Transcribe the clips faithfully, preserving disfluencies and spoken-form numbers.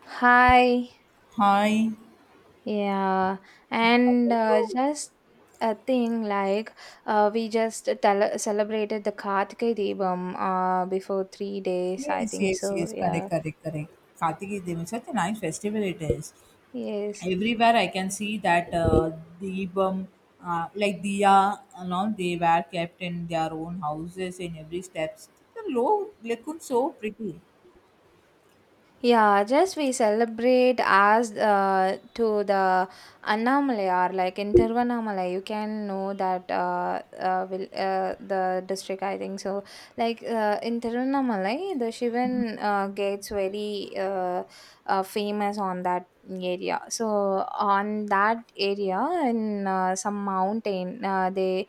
Hi, Hi. yeah, How and are uh, you? just a thing like uh, we just tele- celebrated the Kartike Deepam uh, before three days, I Yes, think yes, so. yes. Correct, Yeah, correct, correct. Kartiki Devi, such a nice festival it is. yes, Everywhere I can see that uh, Deepam, uh, like Diya, and all they were kept in their own houses in every steps. The low looked so pretty. yeah, just we celebrate as uh, to the Annamalai, or like in Tiruvannamalai, you can know that uh, uh, will, uh, the district, I think so. Like uh, in Tiruvannamalai, the Shivan uh, gets very uh, uh, famous on that area. So on that area in uh, some mountain, uh, they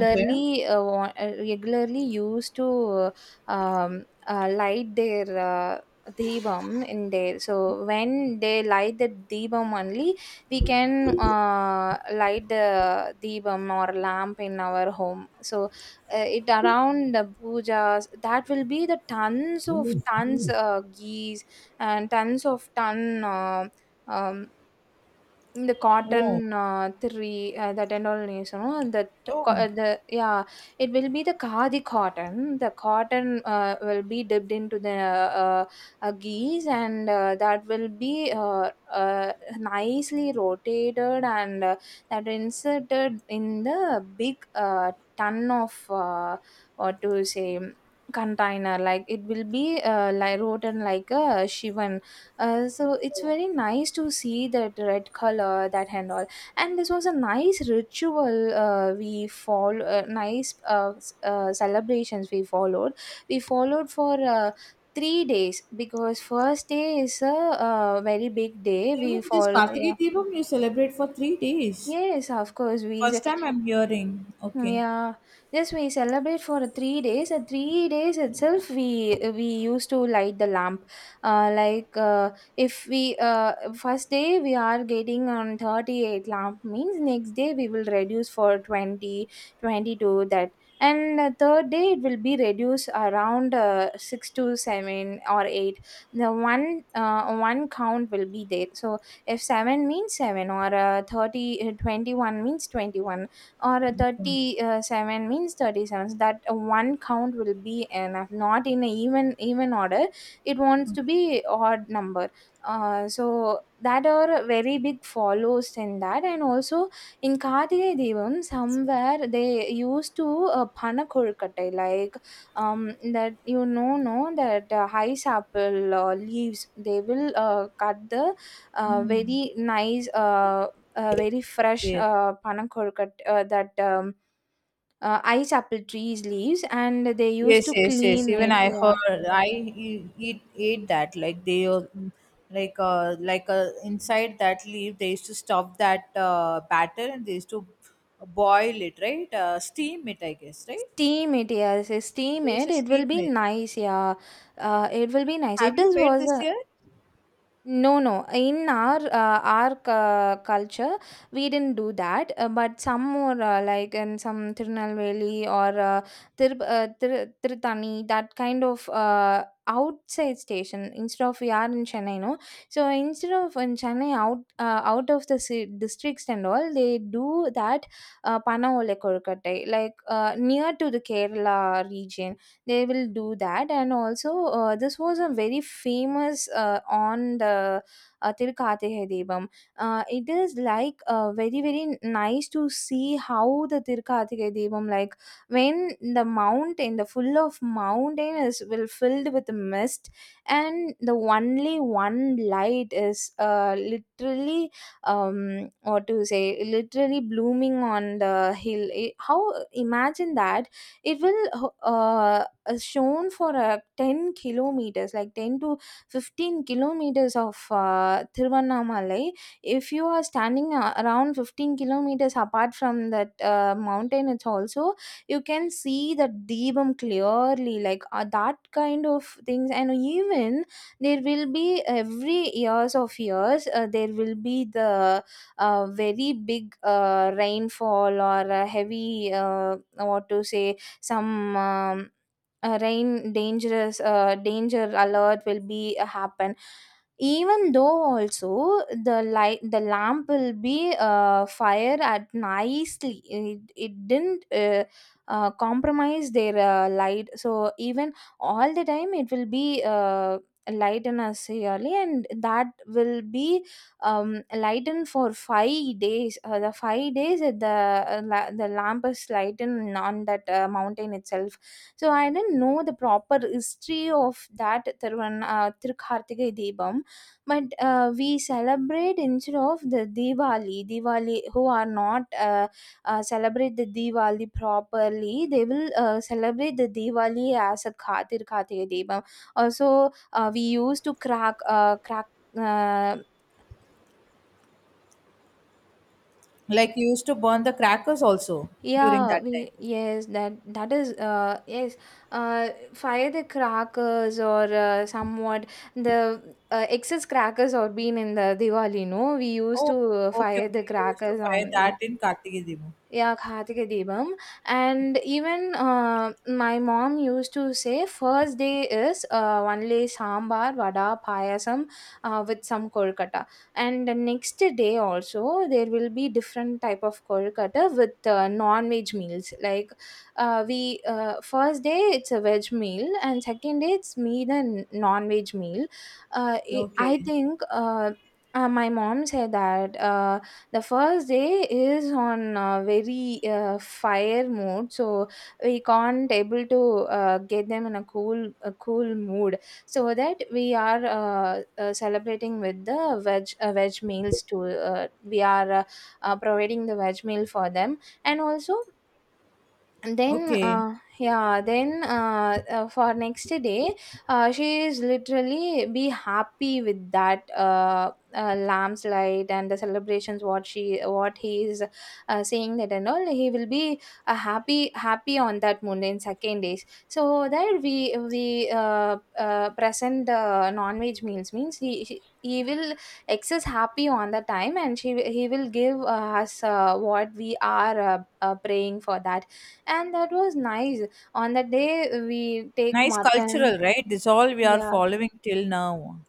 Okay. uh, wa- uh, regularly used to um, uh, light their uh, deepam in there, so when they light the deepam only we can uh, light the deepam or lamp in our home. So uh, it around the pujas that will be the tons of tons uh, ghee and tons of ton uh, um, இந்த cotton, Oh, uh, three uh, that and all நேசணும். The oh. uh, the yeah, it will be the khadi cotton. The cotton uh, will be dipped into the uh, uh, ghee, and uh, that will be uh, uh, nicely rotated, and uh, that inserted in the big uh, ton of uh, what to say container. Like it will be uh, like rotated like a shivan, uh, so it's very nice to see that red color that and all, and this was a nice ritual uh, we follow, uh, nice uh, s- uh, celebrations we followed, we followed for uh, three days, because first day is a uh, very big day Even we this fall. Yeah, Kartiki Deepam you celebrate for three days? yes, of course we, First time I'm hearing. Okay. yeah, yes, we celebrate for three days. At three days itself, we we used to light the lamp. Uh, like, uh, if we, uh, first day we are getting on thirty eight lamp means next day we will reduce for twenty twenty two that, and uh, third day it will be reduced around uh, six to seven or eight. The one, uh, one count will be there. So if seven means seven or uh, thirty, uh, twenty one means twenty one, or a thirty seven means thirty seven, so that uh, one count will be enough, not in a even even order, it wants to be odd number. Uh, so that are very big follows in that. And also in Karthike Devam somewhere they used to uh, panakurkatai, like, um, that you know no, that uh, ice apple uh, leaves, they will uh, cut the uh, Hmm. very nice, uh, uh, very fresh Yes. uh, panakorkat, uh, that, um, uh, ice apple trees leaves, and they used Yes, to yes, yes. clean Even it, I yeah. heard I e- eat ate that, like they uh, like uh like uh, inside that leaf they used to stuff that uh, batter and they used to boil it, right? Uh, steam it, I guess, right? Steam it, yes, steam They used it, to it steam will be it. nice, yeah. Uh, it will be nice, Have it you is made was this a... year? No, no. In our uh, our cu- culture, we didn't do that. Uh, but some more, uh, like in some Tirunelveli or uh, Tir- uh, Tir- Tirutani, that kind of uh, outside station. Instead of we are in Chennai, no. So instead of in Chennai, out uh, out of the ci- districts and all, they do that uh, Panaole Korkatai, like uh, near to the Kerala region, they will do that. And also uh, this was a very famous, uh, on the uh, Tirukathirai Devam. Uh, it is like uh, very very nice to see how the Tirukathirai Devam, like when the mountain, the full of mountain is will filled with mist, and the only one light is uh, literally, um what to say literally blooming on the hill. It- how imagine that, it will uh, uh, shown for uh, ten kilometers, like ten to fifteen kilometers of uh, Tiruvannamalai. If you are standing uh, around fifteen kilometers apart from that uh, mountain, it's also you can see the deepam clearly, like uh, that kind of things. And even there will be every years of years, uh, there will be the uh, very big uh, rainfall or a heavy, uh, what to say some um, uh, rain dangerous, uh, danger alert will be uh, happen. Even though also, the light the lamp will be uh, fire at nicely, it, it didn't uh, uh, compromise their uh, light. So even all the time it will be uh, lighten us yearly, and that will be um lightened for five days. Uh, the five days that the uh, la- the lamp is lightened on that uh, mountain itself. So I didn't know the proper history of that Thiruvan, uh, Thirukarthika Deepam. But uh, we celebrate instead of the Diwali. Diwali, who are not uh, uh, celebrate the Diwali properly, they will uh, celebrate the Diwali as a Ka- Thirukarthika Deepam. Also, uh, we used to crack, uh, crack. Uh, Like you used to burn the crackers also during Yeah, that time. we, yes, that that is uh yes, uh fire the crackers, or uh, somewhat the uh, excess crackers or been in the Diwali, no, we used Oh, to uh, okay, fire the okay. You used to crackers fire on, that yeah. in Kartikeya Devo. Yeah, Kartika Deepam. And even uh, my mom used to say first day is uh, only sambar, vada, payasam uh, with some kolkata. And the next day also there will be different type of kolkata with uh, non-veg meals. Like, uh, we uh, first day it's a veg meal, and second day it's meat and non-veg meal. Uh, it, I Okay, think uh, uh, my mom said that. Uh, the first day is on uh, very uh, fire mode, so we can't able to uh, get them in a cool a cool mood, so that we are uh, uh, celebrating with the veg uh, veg meals to, uh, we are uh, uh, providing the veg meal for them. And also, and then, okay. uh, yeah then uh, uh, for next day uh, she is literally be happy with that, uh, uh, lamb's light, and the celebrations what she what he is uh, saying that and all. He will be uh, happy happy on that moon in second days. So there we, we uh, uh, present the non-veg meals, means he, he he will excess happy on the time. And she, he will give uh, us uh, what we are uh, uh, praying for that. And that was nice, on that day we take Nice mutton, cultural, right? This all we are yeah. following till now.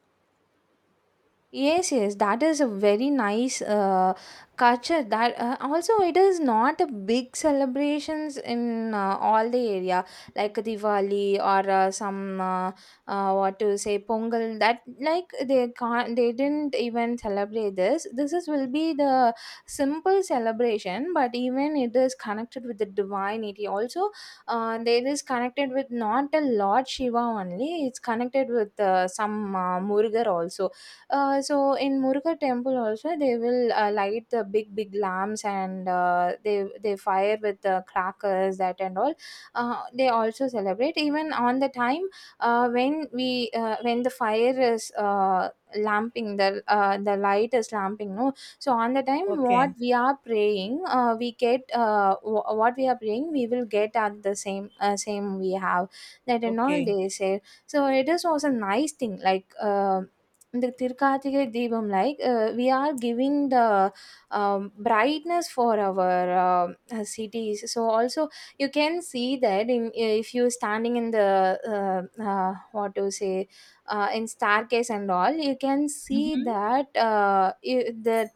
Yes, yes, that is a very nice uh, culture. That uh, also it is not a big celebrations in uh, all the area like Diwali, or uh, some uh, uh, what to say Pongal. That like they can't they didn't even celebrate this. This is will be the simple celebration, but even it is connected with the divinity. Also, uh, there is connected with not a Lord Shiva only. It's connected with uh, some uh, Murugar also. Uh, so in Muruga temple also they will uh, light the big big lamps, and uh, they they fire with the crackers that and all. Uh, they also celebrate even on the time, uh, when we uh, when the fire is uh, lamping, the, uh, the light is lamping no. So on the time what Okay. we are praying, uh, we get uh, w- what we are praying we will get at the same, uh, same we have, that and all Okay. they say. So it is also nice thing, like uh, the Tirkathigai Deepam, like uh, we are giving the um, brightness for our um, uh, cities. So also you can see that in, if you standing in the uh, uh, what to say uh, in staircase and all, you can see Mm-hmm. that uh, you, the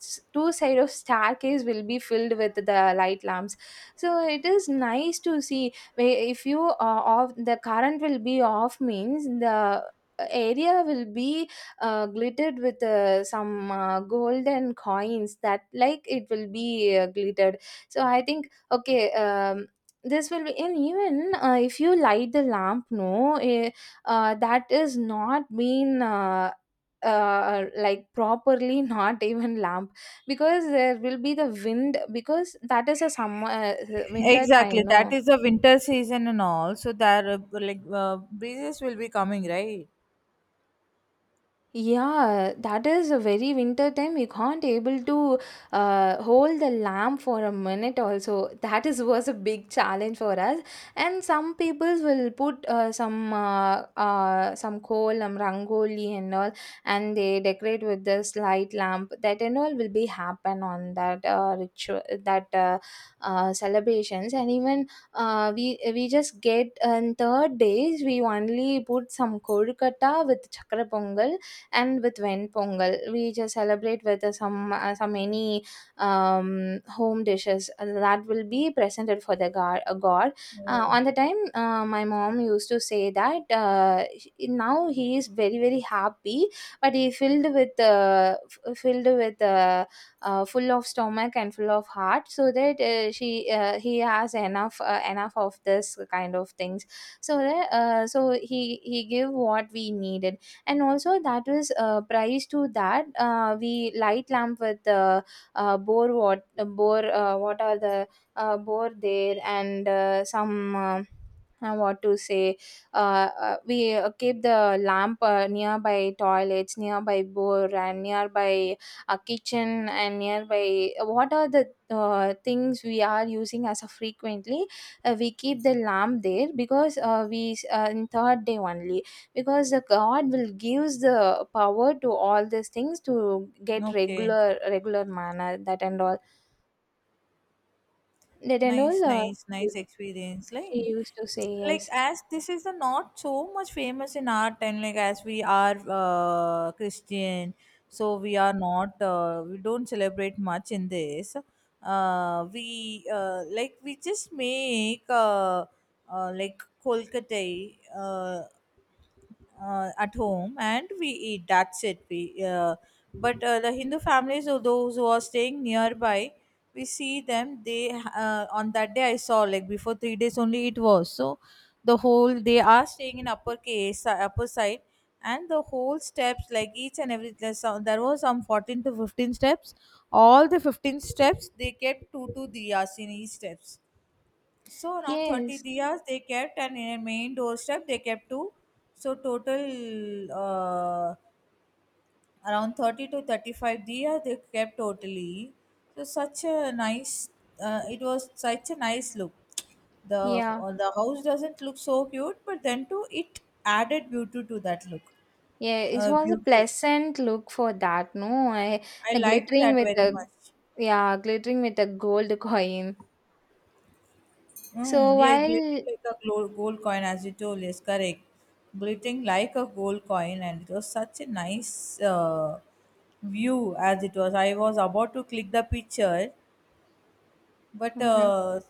s- two side of staircase will be filled with the light lamps. So it is nice to see, where if you uh, off, the current will be off means the area will be uh, glittered with uh, some uh, golden coins that, like it will be uh, glittered. So I think okay, um, this will be. And even uh, if you light the lamp no eh, uh, that is not been uh, uh, like properly not even lamp, because there will be the wind, because that is a summer uh, winter time Exactly. That no. is the winter season and all. So there, uh, like uh, breezes will be coming, right? Yeah, that is a very winter time. You can't able to uh, hold the lamp for a minute also. That is was a big challenge for us. And some people will put, uh, some uh, uh, some kolam, rangoli and all, and they decorate with this light lamp. That and all will be happen on that uh, ritual, that uh, uh, celebrations. And even uh, we we just get on third days, we only put some kolkata with chakra pongal, and with Ven Pongal, we just celebrate with uh, some uh, some any um, home dishes that will be presented for the god. Uh, god. Uh, Oh, on the time, uh, my mom used to say that uh, he- now he is very very happy, but he filled with uh, f- filled with uh, uh, full of stomach and full of heart, so that uh, she uh, he has enough uh, enough of this kind of things, so that uh, so he he give what we needed. And also that was uh, price to that uh, we light lamp with uh, uh, bore what bore uh, what are the uh, bore there and uh, some uh, uh, what to say uh, uh, we uh, keep the lamp uh, nearby toilets, nearby bore, and nearby a kitchen, and nearby uh, what are the uh, things we are using as a frequently. Uh, we keep the lamp there because uh, we uh, in third day only, because the god will gives the power to all these things to get okay. regular regular manner. That and all, that and Nice, all, uh, nice, nice experience. Like, she used to say. like Yes, as this is the not so much famous in our time. Like as we are uh, Christian, so we are not. Uh, we don't celebrate much in this. Uh, we uh, like we just make uh, uh, like kolkatai. Uh, uh, at home and we eat, that's it. We uh, but uh, the hindu families or those who are staying nearby, we see them. They uh, on that day I saw, like before three days only it was so the whole, they are staying in upper case, uh, upper side, and the whole steps, like each and every, there's some- there was some fourteen to fifteen steps. All the fifteen steps they kept two to three hours in each steps, so around thirty yes, diyas they kept, and in a main doorstep they kept two. So total uh, around thirty to thirty-five diyas they kept totally. So such a nice, uh, it was such a nice look. The, yeah, uh, the house doesn't look so cute, but then too it added beauty to that look. yeah, it Uh, was a Beauty. pleasant look for that, no. I, I the liked glittering that with very the, much. yeah, glittering with a gold coin, so Mm, yes, glittering while. like a glo- gold coin, as you told, yes, correct. Glittering like a gold coin, and it was such a nice uh, view as it was. I was about to click the picture, but Mhm. uh,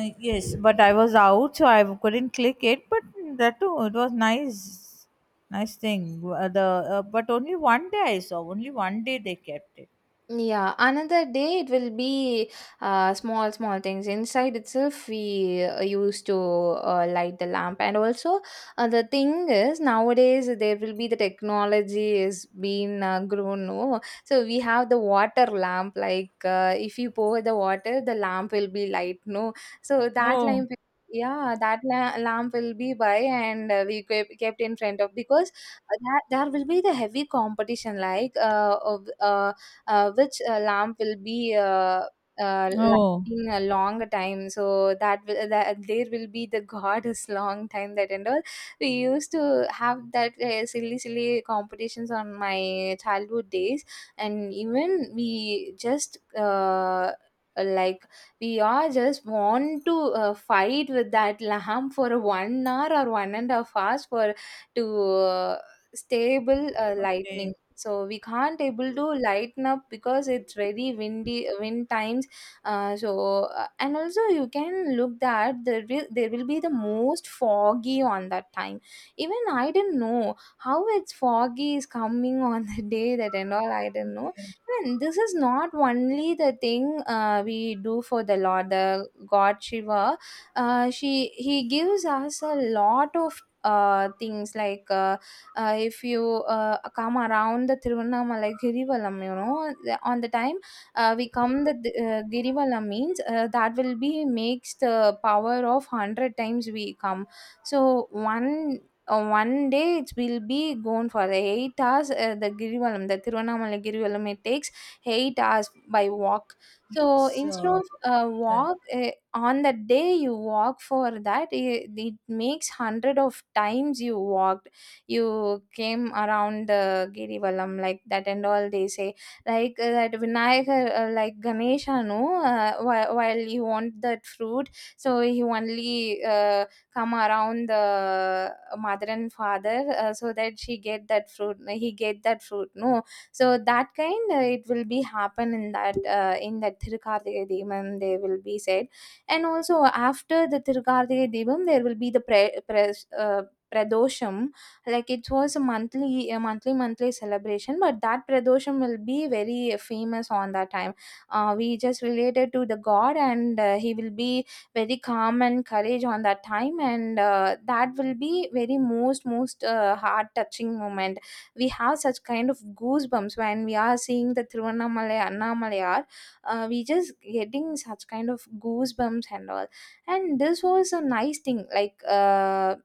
I- yes, but I was out, so I couldn't click it. But that too, it was nice, nice thing. Uh, the, uh, but only one day I saw. Only one day they kept it. Yeah, another day it will be uh, small, small things. Inside itself, we uh, used to uh, light the lamp. And also uh, the thing is, nowadays there will be the technology is being uh, grown, no? So we have the water lamp. Like uh, if you pour the water, the lamp will be light, no? So that Oh, lamp. Yeah, that la- lamp will be by, and uh, we kept kept in front of, because uh, that there will be the heavy competition. Like uh, of, uh, uh, which uh, lamp will be uh, uh, oh. lighting a long time, so that will, that there will be the goddess long time, that and all. We used to have that uh, silly silly competitions on my childhood days. And even we just uh, like, we all just want to uh, fight with that lamp for one hour or one and a half hours for to uh, stable uh, Okay, lightning. So we can't able to lighten up, because it's very windy wind times. Uh, so uh, and also you can look that there will there will be the most foggy on that time. Even I didn't know how it's foggy is coming on the day, that and all, I didn't know. okay, And this is not only the thing uh, we do for the lord, the god Shiva. Uh, she he gives us a lot of uh, things. Like uh, uh, if you uh, come around the Tiruvannamalai Girivalam, you know, the- on the time uh, we come the uh, Girivalam means uh, that will be makes the power of one hundred times we come. So one uh, one day it will be gone for the eight hours. Uh, the Girivalam, the Tiruvannamalai Girivalam, it takes eight hours by walk. So yes, instead uh, of uh, correct. walk uh, on that day you walk for that, it, it makes hundred of times you walk. You came around the Girivalam, like that and all they say. Like uh, that Vinayaka, uh, like Ganesha, no, uh, while, while you want that fruit, so you only uh, come around the mother and father, uh, so that she get that fruit, he get that fruit, no. So that kind, uh, it will be happen in that uh, in that Thirukarthika Deepam, they will be said. And also after the Thirukarthika Deepam, there will be the pre- pres uh, Pradosham. Like it was a monthly, a monthly monthly celebration, but that pradosham will be very famous on that time. Uh, we just related to the god, and uh, he will be very calm and courage on that time. And uh, that will be very most most uh, heart touching moment. We have such kind of goosebumps when we are seeing the Tiruvannamalai Annamalai. Uh, we just getting such kind of goosebumps and all. And this was a nice thing. Like uh,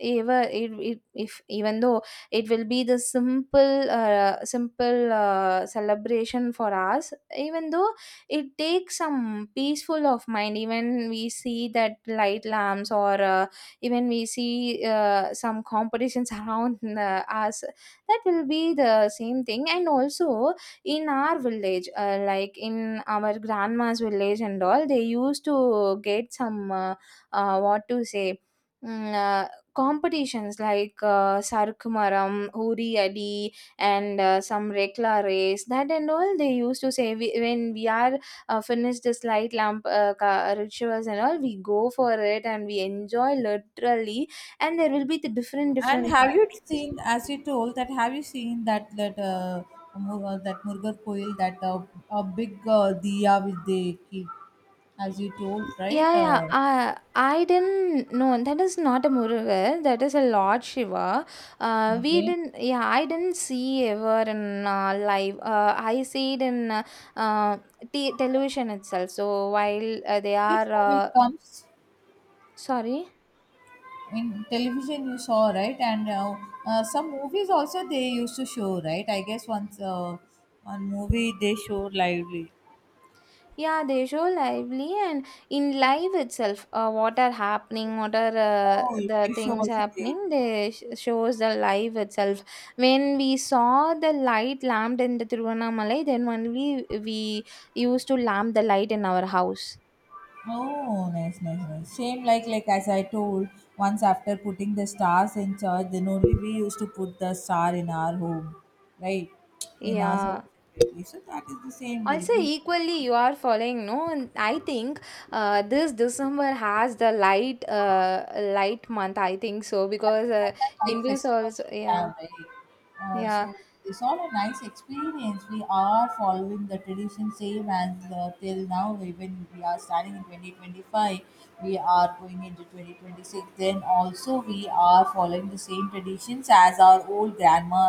ever it, it if even though it will be the simple uh, simple uh, celebration for us, even though it takes some peaceful of mind. Even we see that light lamps or uh, even we see uh, some competitions around uh, us, that will be the same thing. And also in our village, uh, like in our grandma's village and all, they used to get some uh, uh, what to say mm, uh, competitions like uh, Sarkumaram, Huri Adi, and uh, some Rekla race, that and all. They used to say, we, when we are uh, finished this light lamp uh, ka- rituals and all, we go for it and we enjoy literally. And there will be the different, And different have you vibes. seen, as you told, that, have you seen that that uh, Mur- uh, that Murugar Koil, that uh, a big uh, diya which they keep, as you told, Yeah, right? yeah. Uh, I I didn't know that is not a Murugan, that is a Lord Shiva. Uh, we Okay, didn't. Yeah, I didn't see ever in uh, live. Uh, I see it in uh, uh, t- television itself. So while uh, they which are movie uh, it comes sorry. in television you saw, right? And uh, uh, some movies also they used to show, right? I guess once uh, one movie they show lively. Yeah, they show lively, and in live itself, uh, what are happening, what are uh, Oh, the you show things also they. happening, they sh- shows the live itself. When we saw the light lamped in the Tiruvannamalai, then only we used to lamp the light in our house. Oh, nice, nice, nice. Same like like as I told, once after putting the stars in church, then only we used to put the star in our home, right? In our home, Yeah. so that is the same way Also, we. equally, you are following, no? And I think uh, this December has the light, uh, light month. I think so, Right, because more uh, than like Hindus festivals also, we yeah. have, right? Uh, Yeah, So it's all a nice experience. We are following the tradition same as uh, till now. Even we are starting in twenty twenty-five, we are going into twenty twenty-six. Then also we are following the same traditions as our old grandma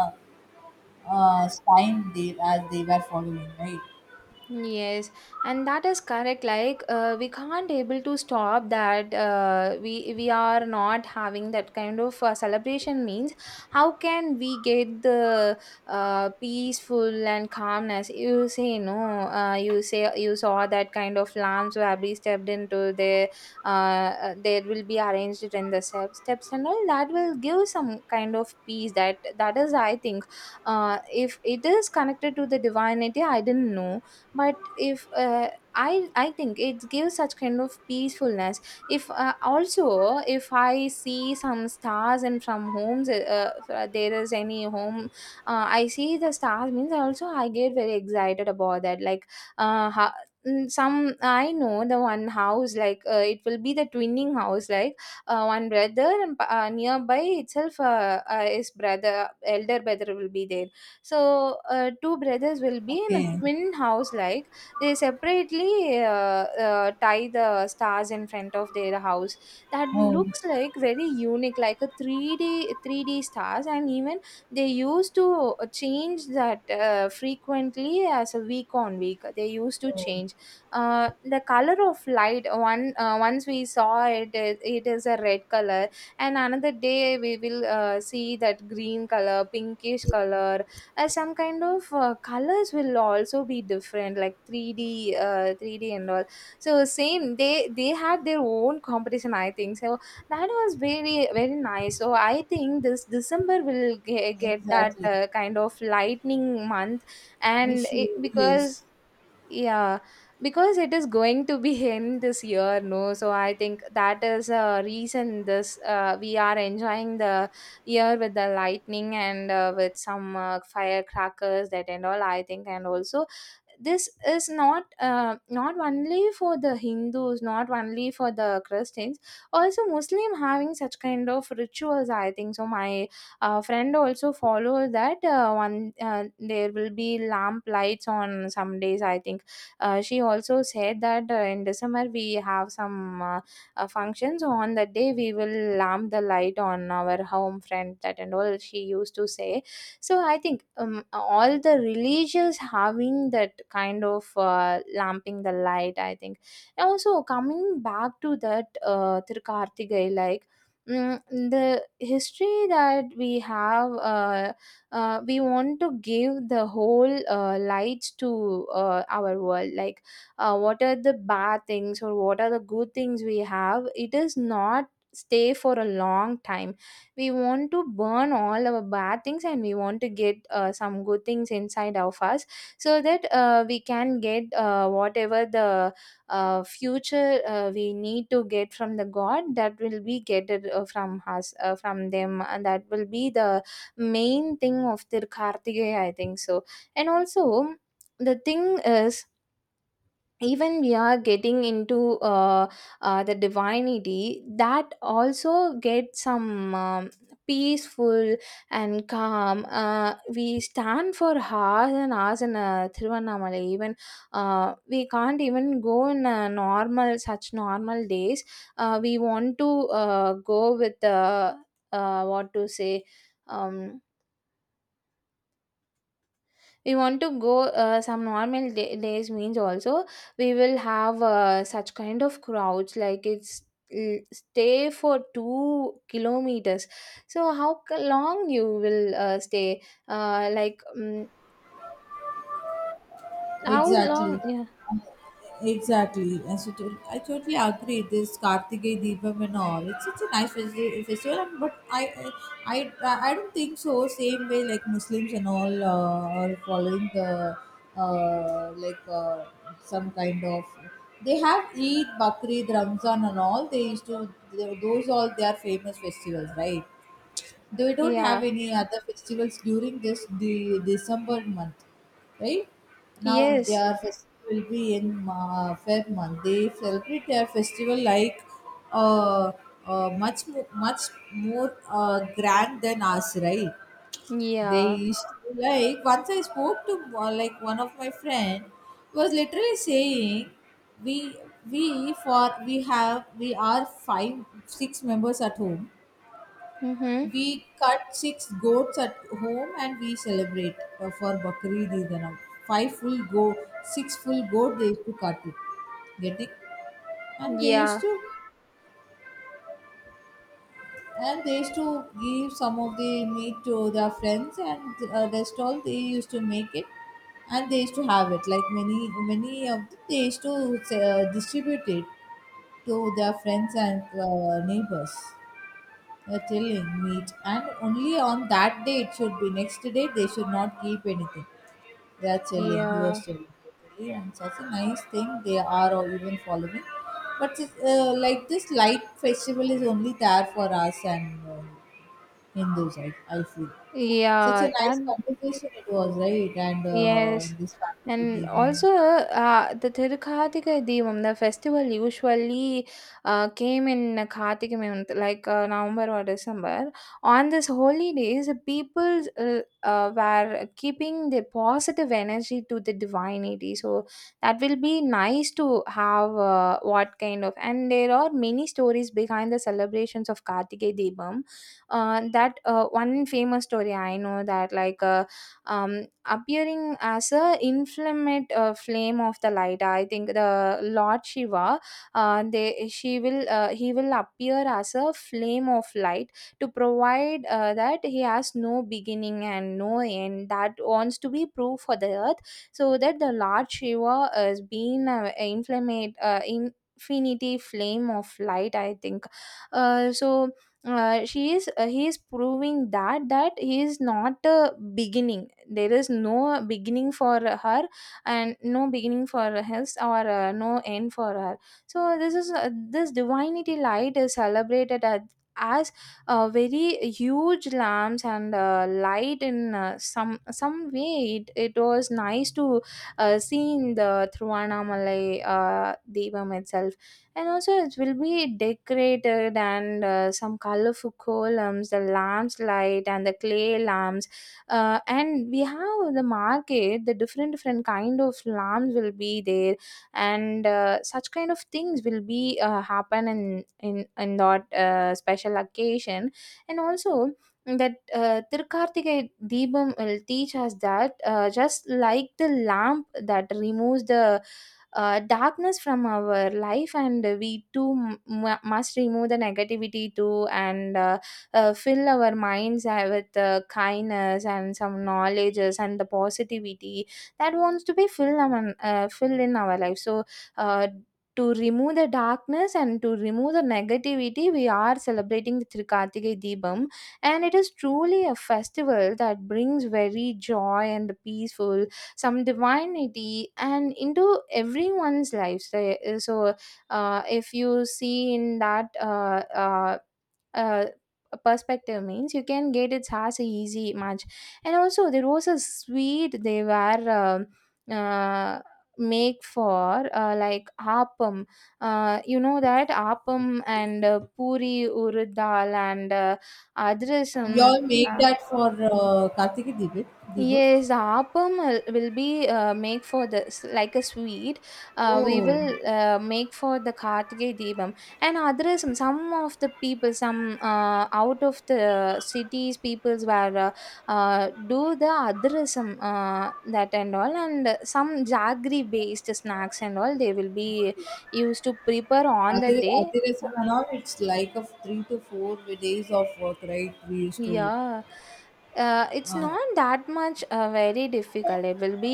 uh, time they, as they were following, right? yes, and that is correct. Like uh, we can't able to stop that. Uh, we we are not having that kind of uh, celebration. Means how can we get the uh, peaceful and calmness? You say, no. Uh, you say you saw that kind of lamps who have been stepped into the. Uh, uh, there will be arranged in the step, steps and all, that will give some kind of peace. That that is, I think. Uh, if it is connected to the divinity, I didn't know. But if uh, i i think it gives such kind of peacefulness. If uh, also if I see some stars and from homes, uh, uh, there is any home, uh, I see the stars means, I also I get very excited about that. Like uh, ho- mm, some I know the one house. Like uh, it will be the twinning house. Like uh, one brother and uh, nearby itself uh, uh, his brother, elder brother will be there. So uh, two brothers will be in a Okay. twin house. Like they separately uh, uh, tie the stars in front of their house. That Oh, looks like very unique, like a three D three D stars. And even they used to uh, change that uh, frequently as a week on week. They used to oh, change uh, the color of light. One, uh, once we saw it, it it is a red color, and another day we will uh, see that green color, pinkish color. Uh, some kind of uh, colors will also be different, like three D uh, three D and all. So same, they they had their own competition, I think so. That was very very nice. So I think this December will ge- get that exactly. uh, kind of lightning month. And Issue, it, yes. because, yeah, because it is going to be in this year, no? So I think that is a reason this uh, we are enjoying the year with the lightning and uh, with some uh, firecrackers, that and all, I think. And also this is not uh, not only for the Hindus, not only for the Christians, also Muslim having such kind of rituals, I think so. My uh, friend also follow that uh, one. Uh, there will be lamp lights on some days, I think. Uh, she also said that uh, in December we have some uh, uh, functions. On that day, we will lamp the light on our home front, that and all she used to say. So I think um, all the religious having that kind of uh, lamping the light, I think. And also coming back to that uh, Tirukarthigai, like mm, the history that we have. Uh, uh, we want to give the whole uh, light to uh, our world. Like uh, what are the bad things or what are the good things we have, it is not stay for a long time. We want to burn all our bad things, and we want to get uh, some good things inside of us. So that uh, we can get uh, whatever the uh, future uh, we need to get from the god, that will be get it, uh, from us, uh, from them. And that will be the main thing of their Kartikeya, I think so. And also, the thing is, even we are getting into uh, uh, the divinity, that also get some um, peaceful and calm. Uh, we stand for hours and hours in uh, Thiruvannamalai. Even uh, we can't even go in a normal, such normal days. Uh, we want to uh, go with uh, uh, what to say. Um, We want to go uh, some normal day- days means, also we will have uh, such kind of crowds, like it's l- stay for two kilometers. So how c- long you will uh, stay, uh, like mm how long? Exactly. Yeah, Exactly. And so to- I totally agree. This Kartikeya Deepam and all, it's such a nice festi- festival, and, but I, I, I I don't think so. Same way like Muslims and all uh, are following the uh, like uh, some kind of. They have Eid, Bakrid, Ramzan, and all. They used to, they- those all they are famous festivals, right? They don't have yeah, any other festivals during this the December month, right? Now yes, their festival will be in uh, Feb month. They celebrate their festival like uh, uh, much mo- much more uh, grand than us, right? They yeah, used to be like once I spoke to uh, like one of my friend was literally saying, we we for we have we are five six members at home. mm-hmm, We cut six goats at home and we celebrate uh, for Bakri Didanam. Five full go, six full goat they used to cut it. Get it? And they used yeah, to, and they used to give some of the meat to their friends and uh, rest all they used to make it, and they used to have it like many, many of them, they used to uh, distribute it to their friends and uh, neighbors. A killing meat, and only on that day it should be. Next day they should not keep anything. They are chilling. He yeah, was chilling totally, and such a nice thing they are all even following. But it's, uh, like this light festival is only there for us and uh, Hindus, I, I feel. Such a yeah, that, nice conversation it was, right? And uh, yes. this Kartiki And Deepam. also, uh, the Tirukarthika Deepam, the festival usually uh, came in Karthika month, like uh, November or December. On this holy days, the people uh, uh, were keeping their positive energy to the divinity. So that will be nice to have uh, what kind of. And there are many stories behind the celebrations of Karthika Deepam. Uh, that uh, one famous story I know that like. Uh, um, appearing as a inflammate uh, flame of the light, I think the Lord Shiva, uh, they she will uh, he will appear as a flame of light to provide uh, that he has no beginning and no end, that wants to be proof for the earth, so that the Lord Shiva has been uh, inflammate uh, infinity flame of light, I think. uh, so uh, she is uh, he is proving that that he is not a beginning. There is no beginning for her, and no beginning for his, or uh, no end for her. So this is uh, this divinity light is celebrated at, as, a very huge lamps and uh, light in uh, some some way. It, it was nice to uh, see in the Thiruvannamalai uh, Deepam itself. And also it will be decorated, and uh, some colorful columns, the lamps light and the clay lamps. Uh, and we have the market, the different different kind of lambs will be there. And uh, such kind of things will be uh, happen in in in that uh, special occasion. And also, that uh, Tirkartike Deepam will teach us that, uh, just like the lamp that removes the uh, darkness from our life, and we too m- mu- must remove the negativity too, and uh, uh, fill our minds uh, with uh, kindness and some knowledges and the positivity that wants to be filled among, uh, filled in our life. So uh, to remove the darkness and to remove the negativity, we are celebrating the Trikartike Deepam, and it is truly a festival that brings very joy and peaceful, some divinity, and into everyone's lives. So, uh, if you see in that uh, uh, uh, perspective means you can get it as a easy match. And also there was a sweet they were um uh, make for uh, like appam, uh, you know that appam, and uh, puri urudal, and uh, You adrasam. all make that for uh, Kartiki Deepam? Deepam? Yes, the appam will will be uh, make for the s- like a sweet. Uh, we Oh, will uh, make for the Kartike Deepam and others. um, Some of the people, some uh, out of the cities, peoples were uh, uh, do the adrasam uh, that and all, and some jaggery based snacks and all. They will be used to prepare on the Adhi day. Adhiresa and all, it's like a three to four days of work, right? We used to. Yeah, uh, it's Uh, not that much uh, very difficult. It will be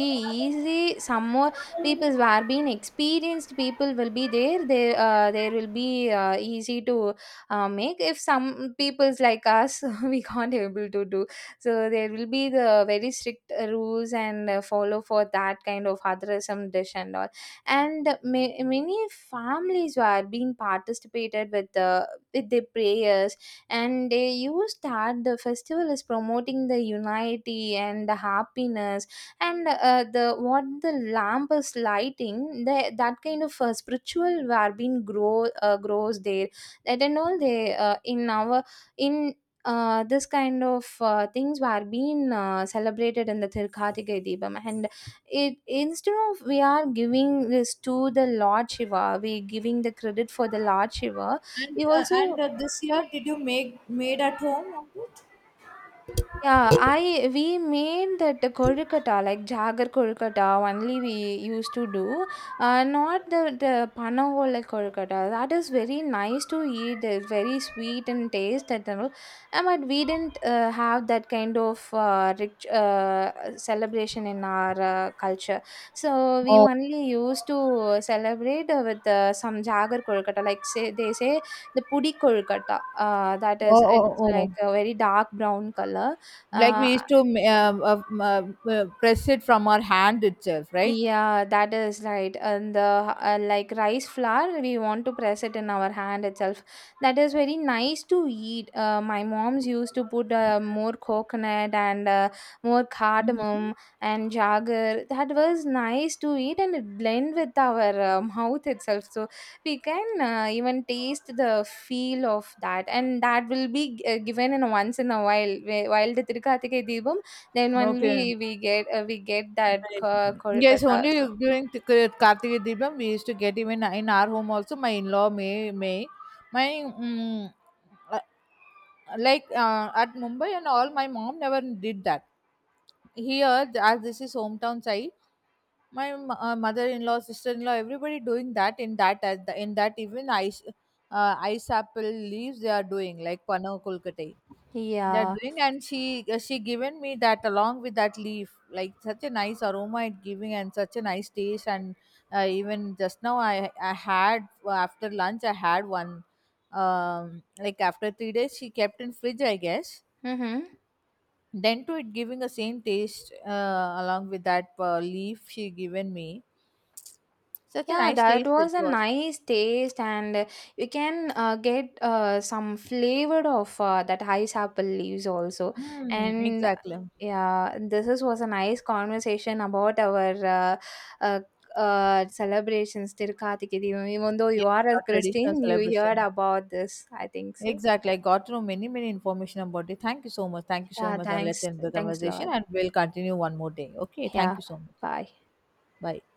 easy. Some more people who are being experienced people will be there. They uh, There will be uh, easy to uh, make. If some people's like us, we can't able to do. So there will be the very strict uh, rules and uh, follow for that kind of otherism dish and all. And ma- many families who are being participated with the, with their prayers, and they used that the festival is promoting the unity and the happiness. And uh, the what the lamp is lighting the, that kind of uh, spiritual well-being grow uh, grows there, that and all. They uh, in our in uh, This kind of uh, things were being uh, celebrated in the Tirkhatika Deepam. And it instead of, we are giving this to the Lord Shiva, we giving the credit for the Lord Shiva. And we uh, and also, uh, this year, did you make made at home of it? yeah, I we made that kolkata, like jagar kolkata only we used to do, uh, not the the panavola kolkata. That is very nice to eat. It's very sweet and taste and all. Uh, but we didn't uh, have that kind of uh, rich uh, celebration in our uh, culture. So we Oh, only used to celebrate uh, with uh, some jagar kolkata. Like say they say the pudi kolkata. Uh, that oh, is, oh, it's oh. like a very dark brown color. Like uh, we used to um, uh, um, uh, uh, press it from our hand itself, right? yeah, that is right. And the uh, like rice flour, we want to press it in our hand itself. That is very nice to eat. Uh, my mom's used to put uh, more coconut and uh, more cardamom and jagger. That was nice to eat, and it blend with our uh, mouth itself. So we can uh, even taste the feel of that, and that will be uh, given in once in a while. Wh- While the Tirukathikai Deepam, then Okay. only we get uh, we get that Right. uh, Yes, only Kolkata. So during the Kar- Karthika Deepam we used to get even in our home also. My in-law, may may my, mm, uh, like uh, at Mumbai and all. My mom never did that. Here th- as this is hometown side, my m- uh, mother-in-law, sister-in-law, everybody doing that in that as the, in that even ice uh, ice apple leaves they are doing, like pano kolkate they are yeah. doing, and she uh, she given me that along with that leaf, like such a nice aroma it giving and such a nice taste, and uh, even just now i i had uh, after lunch I had one, um like after three days she kept in fridge I guess, Mm-hmm. then to it giving a same taste uh, along with that uh, leaf she given me. Such a Yeah, nice that taste it was a was. nice taste, and uh, you can uh, get uh, some flavor of uh, that ice apple leaves also. Mm, And exactly. yeah, this is, was a nice conversation about our uh, uh, uh, celebrations, Tirukatiki Deevam. Even though you Yeah, are a our traditional Christian, you heard celebration. about this, I think so. Exactly, I got to know many, many information about it. Thank you so much, thank you so Yeah, much, and let's thanks. end the Thanks a conversation lot. and we'll continue one more day, okay? Thank Yeah, you so much. bye. Bye.